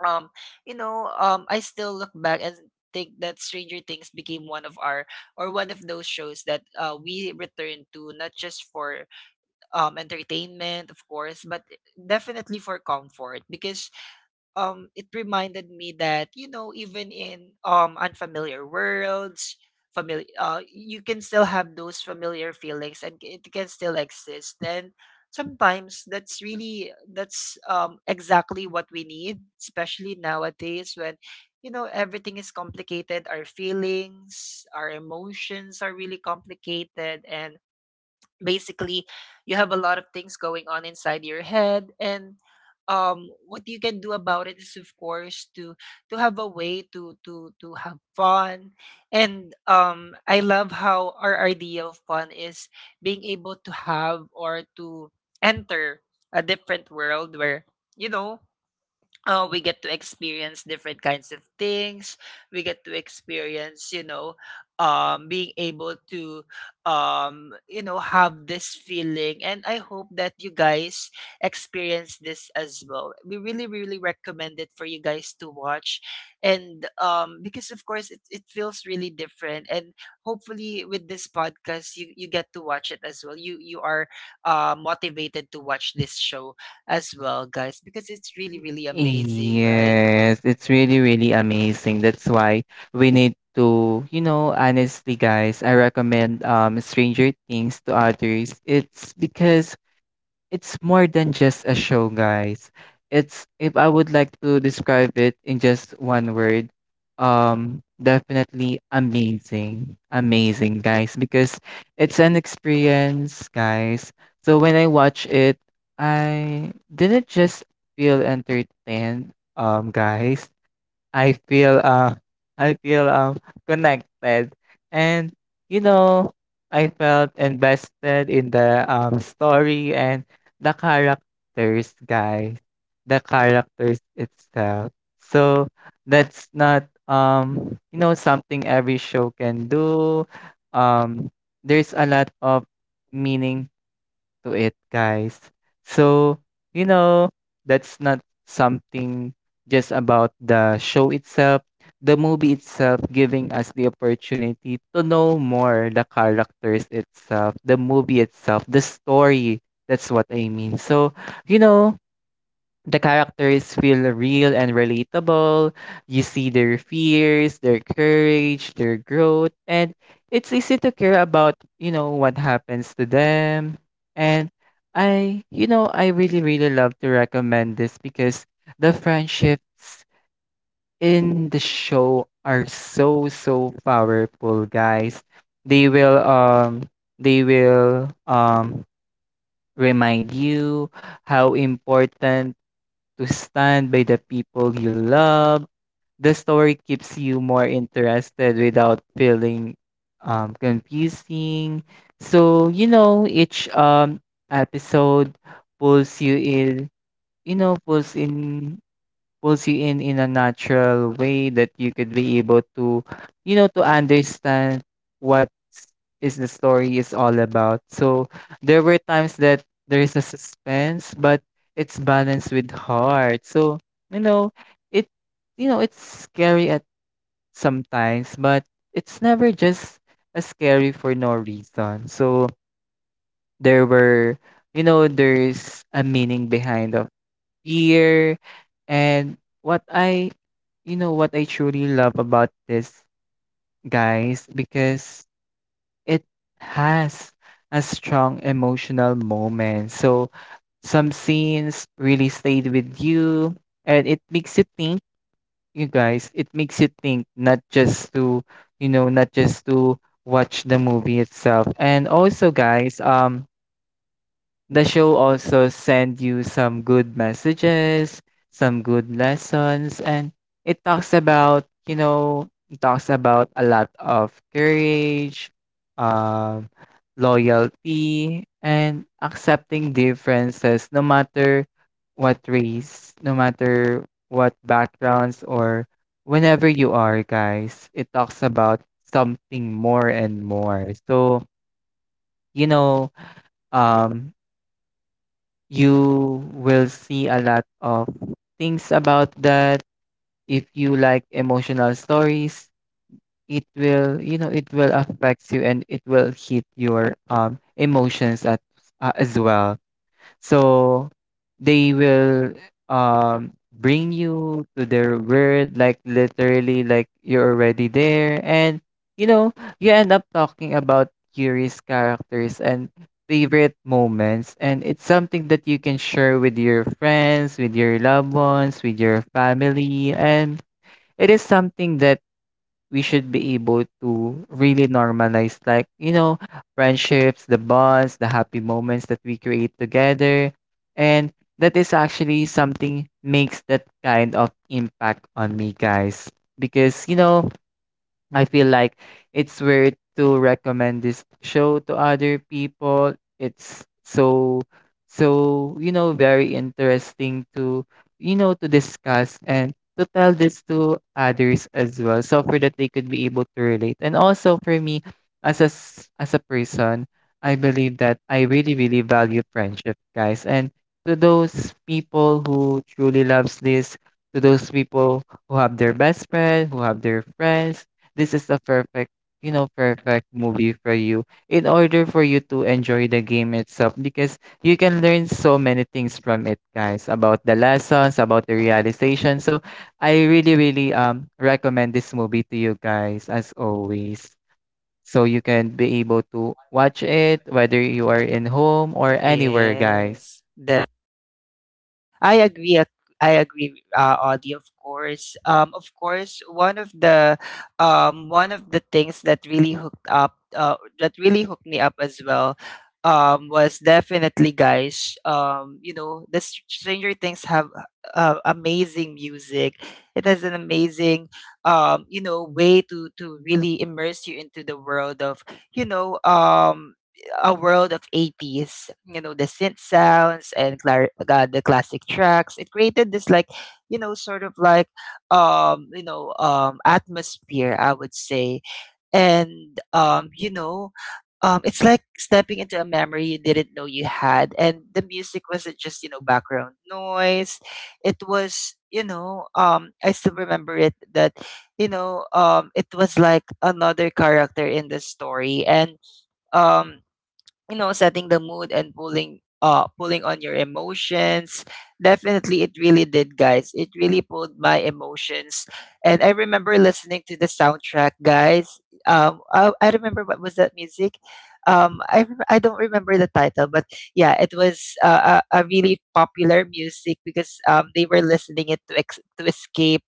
Speaker 1: um, you know, um, I still look back and think that Stranger Things became one of our, or one of those shows that uh, we return to, not just for um entertainment, of course, but definitely for comfort, because um it reminded me that you know even in um unfamiliar worlds, familiar uh you can still have those familiar feelings and it can still exist. And sometimes that's really, that's um exactly what we need, especially nowadays when you know everything is complicated, our feelings, our emotions are really complicated, and basically you have a lot of things going on inside your head. And um what you can do about it is of course to to have a way to to to have fun. And um I love how our idea of fun is being able to have, or to enter a different world where you know uh, we get to experience different kinds of things. We get to experience, you know, um, being able to, um, you know, have this feeling. And I hope that you guys experience this as well. We really, really recommend it for you guys to watch. And um, because of course, it, it feels really different. And hopefully, with this podcast, you, you get to watch it as well. You, you are uh, motivated to watch this show as well, guys, because it's really, really amazing, right?
Speaker 2: Yes, it's really, really amazing. That's why we need to, you know, honestly, guys, I recommend um Stranger Things to others. It's because it's more than just a show, guys. It's if I would like to describe it in just one word, um, definitely amazing. Amazing, guys, because it's an experience, guys. So when I watch it, I didn't just feel entertained, um, guys. I feel uh I feel um connected and you know I felt invested in the um story and the characters guys the characters itself so that's not um you know something every show can do um there's a lot of meaning to it, guys. So, you know, that's not something just about the show itself, the movie itself giving us the opportunity to know more the characters itself, the movie itself, the story. That's what I mean. So, you know, the characters feel real and relatable. You see their fears, their courage, their growth, and it's easy to care about, you know, what happens to them. And I, you know, I really, really love to recommend this because the friendships in the show are so, so powerful, guys. They will, um, they will, um, remind you how important to stand by the people you love. The story keeps you more interested without feeling um, confusing. So, you know, each um, episode pulls you in, you know, pulls in pulls you in in a natural way that you could be able to you know to understand what is the story is all about so there were times that there is a suspense but it's balanced with heart so you know it you know it's scary at sometimes but it's never just a scary for no reason so there were you know there's a meaning behind of beer. And what I, you know, what I truly love about this, guys, because it has a strong emotional moment. So some scenes really stayed with you and it makes you think, you guys, it makes you think not just to, you know, not just to watch the movie itself. And also, guys, um, the show also send you some good messages, some good lessons, and it talks about, you know, it talks about a lot of courage, um, loyalty, and accepting differences no matter what race, no matter what backgrounds, or whenever you are, guys. It talks about something more and more. So, you know, um you will see a lot of things about that. If you like emotional stories, it will, you know, it will affect you and it will hit your um emotions at uh, as well. So they will um bring you to their word, like literally like you're already there. And you know, you end up talking about curious characters and favorite moments and it's something that you can share with your friends, with your loved ones, with your family and it is something that we should be able to really normalize like, you know, friendships, the bonds, the happy moments that we create together. And that is actually something makes that kind of impact on me, guys. Because, you know, I feel like it's weird to recommend this show to other people. It's so so you know very interesting to you know to discuss and to tell this to others as well so for that they could be able to relate and also for me as a s- as a person I believe that I really really value friendship guys and to those people who truly loves this to those people who have their best friend who have their friends this is the perfect you know perfect movie for you in order for you to enjoy the game itself because you can learn so many things from it guys about the lessons about the realization so I really really um recommend this movie to you guys as always so you can be able to watch it whether you are in home or anywhere guys.
Speaker 1: Yes, I agree. ac- I agree, uh, Audie. Of course, um, of course, one of the, um, one of the things that really hooked up, uh, that really hooked me up as well, um, was definitely, guys. Um, you know, the Str- Stranger Things have uh, amazing music. It has an amazing, um, you know, way to to really immerse you into the world of, you know, um, a world of eighties, you know, the synth sounds and clar- uh, the classic tracks. It created this like, you know, sort of like um, you know, um atmosphere, I would say. And um, you know, um, it's like stepping into a memory you didn't know you had. And the music wasn't just, you know, background noise. It was, you know, um, I still remember it that, you know, um, it was like another character in the story. And um you know, setting the mood and pulling uh pulling on your emotions. Definitely it really did, guys. It really pulled my emotions. And I remember listening to the soundtrack, guys. Um I, I remember, what was that music? Um I rem- I don't remember the title, but yeah, it was uh, a, a really popular music because um they were listening it to ex- to escape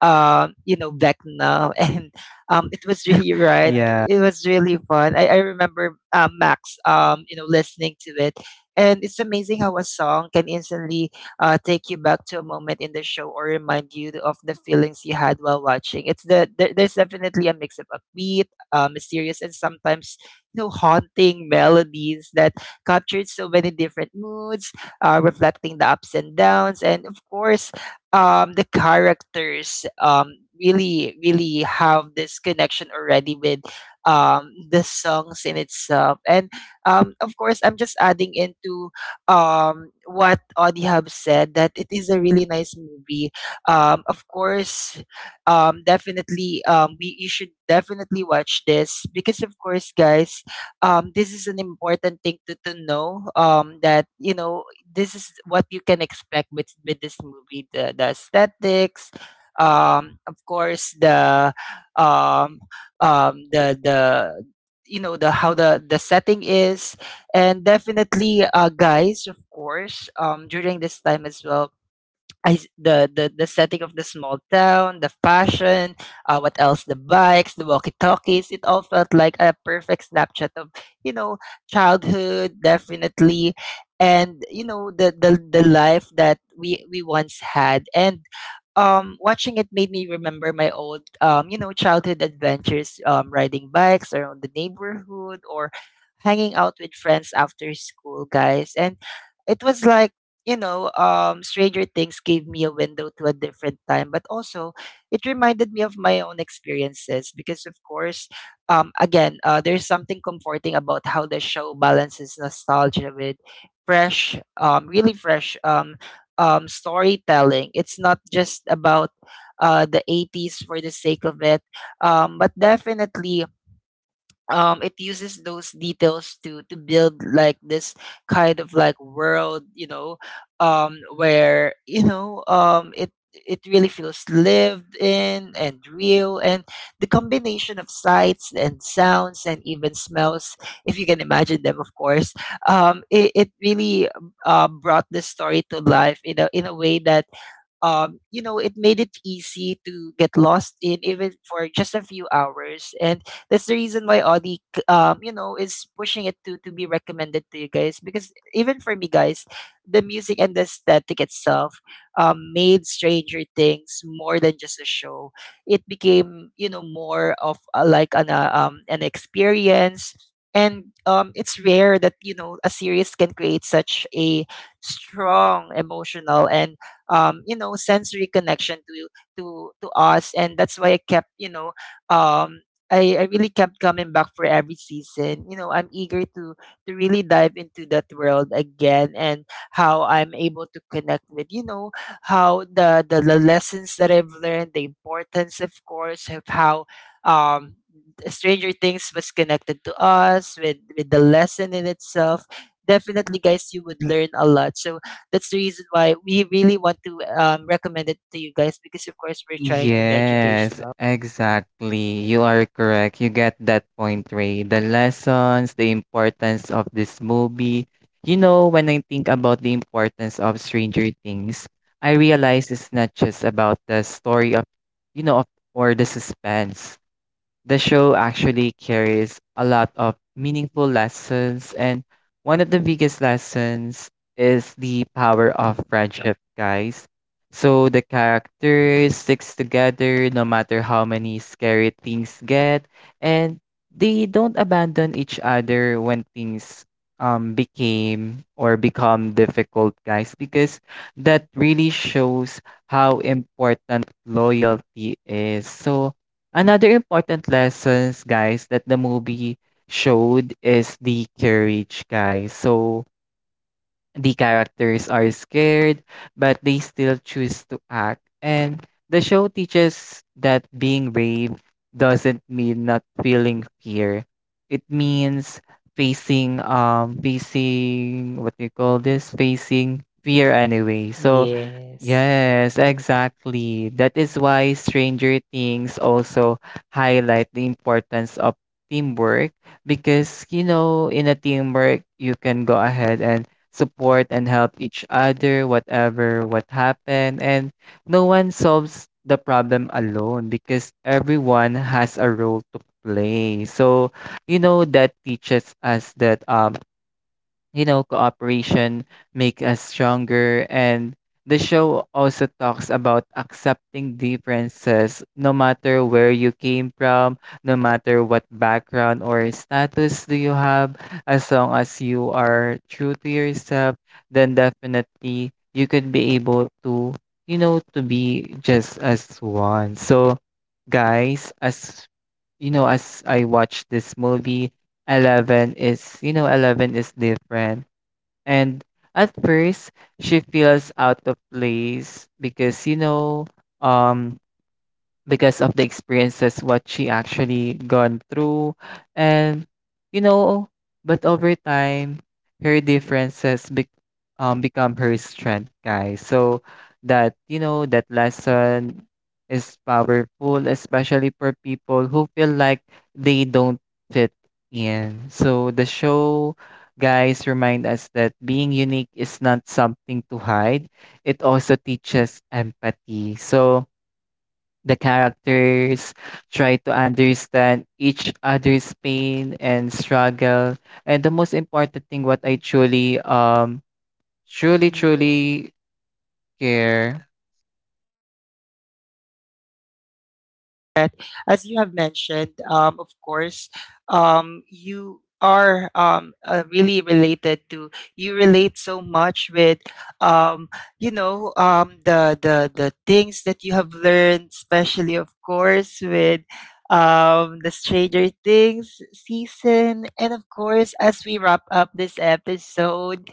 Speaker 1: um you know Vecna. (laughs) And um, it was (laughs) really right.
Speaker 2: Yeah.
Speaker 1: It was really fun. I, I remember uh, Max, um, you know, listening to it, and it's amazing how a song can instantly uh, take you back to a moment in the show or remind you of the feelings you had while watching. It's the there, there's definitely a mix of upbeat, uh, mysterious, and sometimes you know haunting melodies that captured so many different moods, uh, reflecting the ups and downs, and of course um, the characters um, really really have this connection already with um, the songs in itself. And um, of course I'm just adding into um, what Audie have said, that it is a really nice movie, um, of course. um, definitely, um, we you should definitely watch this, because of course guys, um, this is an important thing to, to know um, that you know this is what you can expect with with this movie, the, the aesthetics, um of course the um um the the you know the how the the setting is. And definitely uh guys, of course um during this time as well, I s the the the setting of the small town, the fashion, uh, what else? The bikes, the walkie-talkies. It all felt like a perfect snapshot of you know childhood, definitely, and you know the the the life that we we once had. And um, watching it made me remember my old, um, you know, childhood adventures, um, riding bikes around the neighborhood or hanging out with friends after school, guys. And it was like, you know, um, Stranger Things gave me a window to a different time, but also it reminded me of my own experiences because, of course, um, again, uh, there's something comforting about how the show balances nostalgia with fresh, um, really fresh um, um, storytelling. It's not just about uh, the eighties for the sake of it, um, but definitely um it uses those details to to build like this kind of like world, you know, um where you know um it it really feels lived in and real, and the combination of sights and sounds and even smells, if you can imagine them of course, um it, it really um, uh, brought this story to life in a in a way that um, you know, it made it easy to get lost in even for just a few hours. And that's the reason why Audi, c- um, you know, is pushing it to, to be recommended to you guys. Because even for me, guys, the music and the aesthetic itself um, made Stranger Things more than just a show. It became, you know, more of a, like an, uh, um, an experience. And um, it's rare that, you know, a series can create such a strong emotional and um, you know sensory connection to to to us. And that's why I kept, you know, um I, I really kept coming back for every season. You know, I'm eager to to really dive into that world again, and how I'm able to connect with, you know, how the the, the lessons that I've learned, the importance of course of how um Stranger Things was connected to us with with the lesson in itself. Definitely guys you would learn a lot. So that's the reason why we really want to um, recommend it to you guys because, of course, we're trying to be
Speaker 2: Yes,
Speaker 1: educational.
Speaker 2: exactly. You are correct. You get that point, Ray. The lessons, the importance of this movie. You know, when I think about the importance of Stranger Things, I realize it's not just about the story of, you know, of, or the suspense. The show actually carries a lot of meaningful lessons, and one of the biggest lessons is the power of friendship, guys. So the characters sticks together no matter how many scary things get, and they don't abandon each other when things um became or become difficult, guys, because that really shows how important loyalty is. So another important lessons, guys, that the movie showed is the courage, guys. So the characters are scared, but they still choose to act. And the show teaches that being brave doesn't mean not feeling fear. It means facing um facing what do you call this? Facing fear anyway. So
Speaker 1: Yes.
Speaker 2: yes, exactly. That is why Stranger Things also highlight the importance of teamwork, because you know, in a teamwork you can go ahead and support and help each other whatever what happened, and no one solves the problem alone because everyone has a role to play. So you know, that teaches us that um you know, cooperation make us stronger. And the show also talks about accepting differences, no matter where you came from, no matter what background or status do you have, as long as you are true to yourself, then definitely you could be able to, you know, to be just as one. So, guys, as you know, as I watched this movie, Eleven is, you know, eleven is different. And at first, she feels out of place because, you know, um, because of the experiences what she actually gone through, and you know, but over time her differences be- um, become her strength, guys. So that, you know, that lesson is powerful, especially for people who feel like they don't fit in. So the show, guys, remind us that being unique is not something to hide. It also teaches empathy. So the characters try to understand each other's pain and struggle. And the most important thing what I truly um truly truly care.
Speaker 1: As you have mentioned, um, of course, um, you are um, uh, really related to, you relate so much with, um, you know, um, the, the, the things that you have learned, especially, of course, with um, the Stranger Things season. And of course, as we wrap up this episode,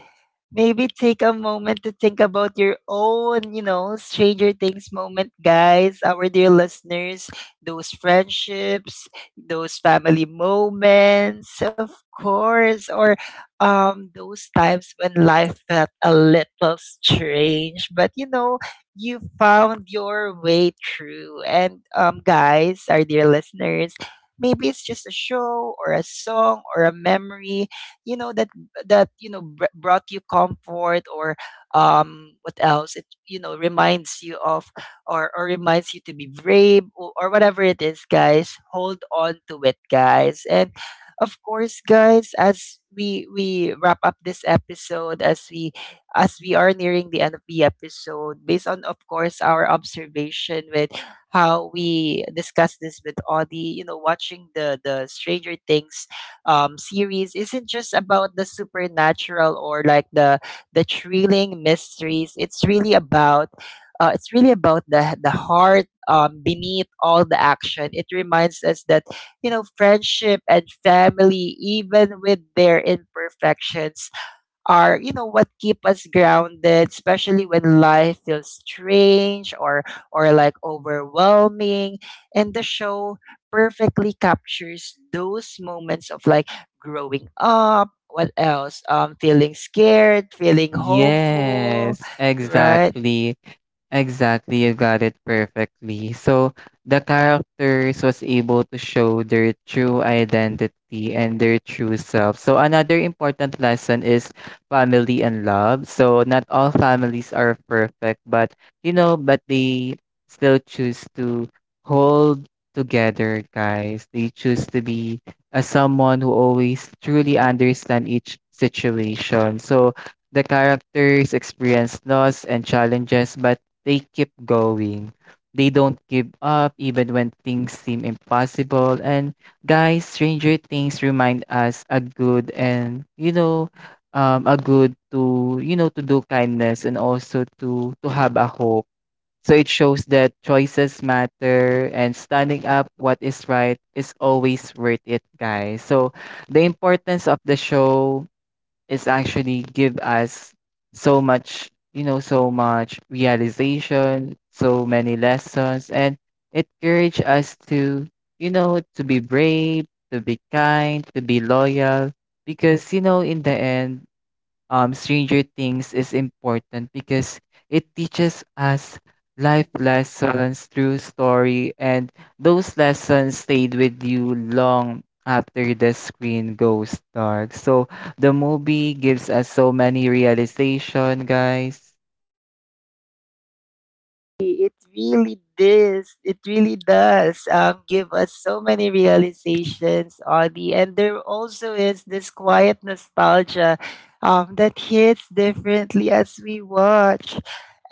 Speaker 1: maybe take a moment to think about your own, you know, Stranger Things moment, guys. Our dear listeners, those friendships, those family moments, of course, or um, those times when life felt a little strange, but you know, you found your way through. And um, guys, our dear listeners, maybe it's just a show or a song or a memory you know that that you know br- brought you comfort or um what else it you know reminds you of, or or reminds you to be brave, or, or whatever it is, guys. Hold on to it, guys. And of course, guys, as we we wrap up this episode, as we as we are nearing the end of the episode, based on, of course, our observation with how we discussed this with Audie. You know watching the the Stranger Things um, series isn't just about the supernatural or like the the thrilling mysteries. It's really about, uh, it's really about the the heart, um, beneath all the action. It reminds us that you know friendship and family, even with their imperfections, are you know what keep us grounded, especially when life feels strange or or like overwhelming. And the show perfectly captures those moments of, like, growing up, what else, um feeling scared, feeling hopeful,
Speaker 2: Yes,
Speaker 1: right?
Speaker 2: exactly. Exactly, you got it perfectly. So the characters was able to show their true identity and their true self. So another important lesson is family and love. So not all families are perfect, but you know, but they still choose to hold together, guys. They choose to be a someone who always truly understand each situation. So the characters experience loss and challenges, but they keep going. They don't give up even when things seem impossible. And guys, Stranger Things remind us a good and you know, um, a good to you know, to do kindness and also to to have a hope. So it shows that choices matter and standing up what is right is always worth it, guys. So the importance of the show, it's actually give us so much, you know, so much realization, so many lessons, and it encourage us to, you know, to be brave, to be kind, to be loyal. Because you know, in the end, um, Stranger Things is important because it teaches us life lessons through story, and those lessons stayed with you long after the screen goes dark. So the movie gives us so many realization, guys.
Speaker 1: It really does. It really does, um, give us so many realizations, Audie. And there also is this quiet nostalgia um, that hits differently as we watch.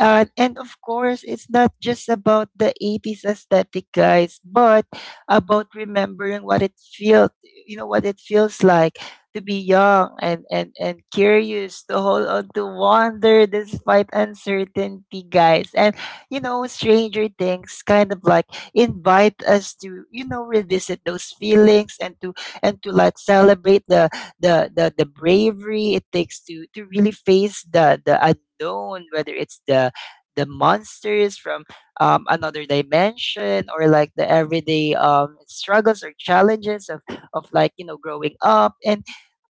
Speaker 1: Uh, and of course, it's not just about the eighties aesthetic, guys, but about remembering what it felt, you know, what it feels like to be young and, and, and curious, to hold on to wonder despite uncertainty, guys. And you know, Stranger Things kind of like invite us to, you know, revisit those feelings and to and to like celebrate the the the, the bravery it takes to to really face the the unknown, whether it's the the monsters from, um, another dimension, or like the everyday um, struggles or challenges of, of like, you know growing up. and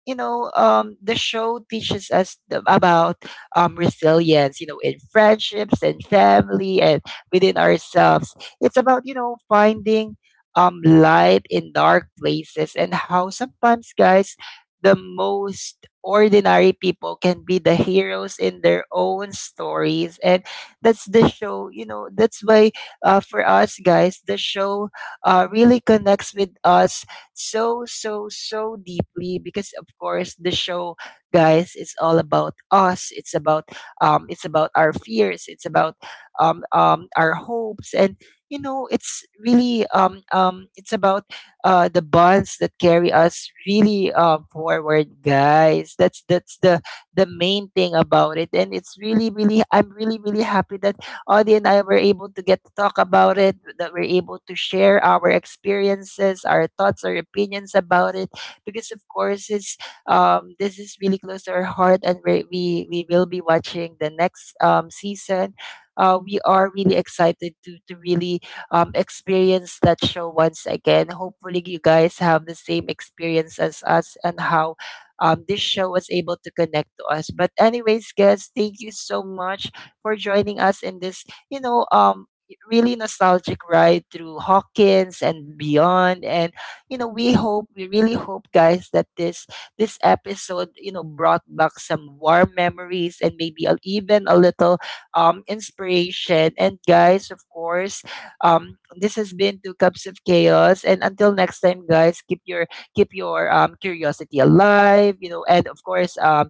Speaker 1: you know, um, the show teaches us, the, about, um, resilience, you know, in friendships and family and within ourselves. It's about, you know, finding, um, light in dark places, and how sometimes, guys, the most ordinary people can be the heroes in their own stories. And that's the show, you know, that's why, uh, for us, guys, the show, uh, really connects with us so, so, so deeply, because, of course, the show, guys, it's all about us. It's about, um, it's about our fears. It's about, um, um, our hopes. And you know, it's really um, um, it's about uh, the bonds that carry us really, uh, forward, guys. That's that's the the main thing about it. And it's really, really, I'm really, really happy that Audie and I were able to get to talk about it, that we're able to share our experiences, our thoughts, our opinions about it, because, of course, it's um, this is really close to our heart, and we we we will be watching the next, um, season. Uh, we are really excited to to really, um, experience that show once again. Hopefully, you guys have the same experience as us, and how, um, this show was able to connect to us. But anyways, guys, thank you so much for joining us in this, you know, um, really nostalgic ride through Hawkins and beyond. And you know, we hope, we really hope, guys, that this this episode, you know, brought back some warm memories, and maybe a, even a little um inspiration. And, guys, of course, um, this has been Two Cups of Chaos. And until next time, guys, keep your keep your um curiosity alive. You know, and of course, um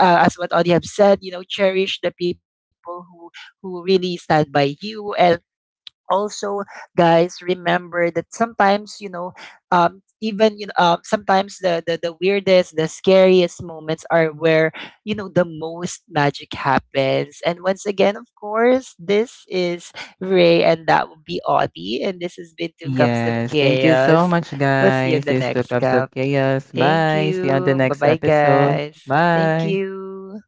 Speaker 1: uh, as what Audie have said, you know, cherish the people who who really stand by you. And also, guys, remember that sometimes, you know um even, you know uh, sometimes, the, the the weirdest, the scariest moments are where you know the most magic happens. And once again, of course, this is Ray, and that would be Audie, and this has been Two Cups of
Speaker 2: Yes, thank you so
Speaker 1: Chaos.
Speaker 2: much,
Speaker 1: We'll see you in
Speaker 2: guys.
Speaker 1: the
Speaker 2: This is Two
Speaker 1: next
Speaker 2: Cups of
Speaker 1: cup.
Speaker 2: Chaos.
Speaker 1: Thank
Speaker 2: Bye. See you on the
Speaker 1: you, bye
Speaker 2: next
Speaker 1: bye,
Speaker 2: episode.
Speaker 1: guys. Thank
Speaker 2: Bye.
Speaker 1: you.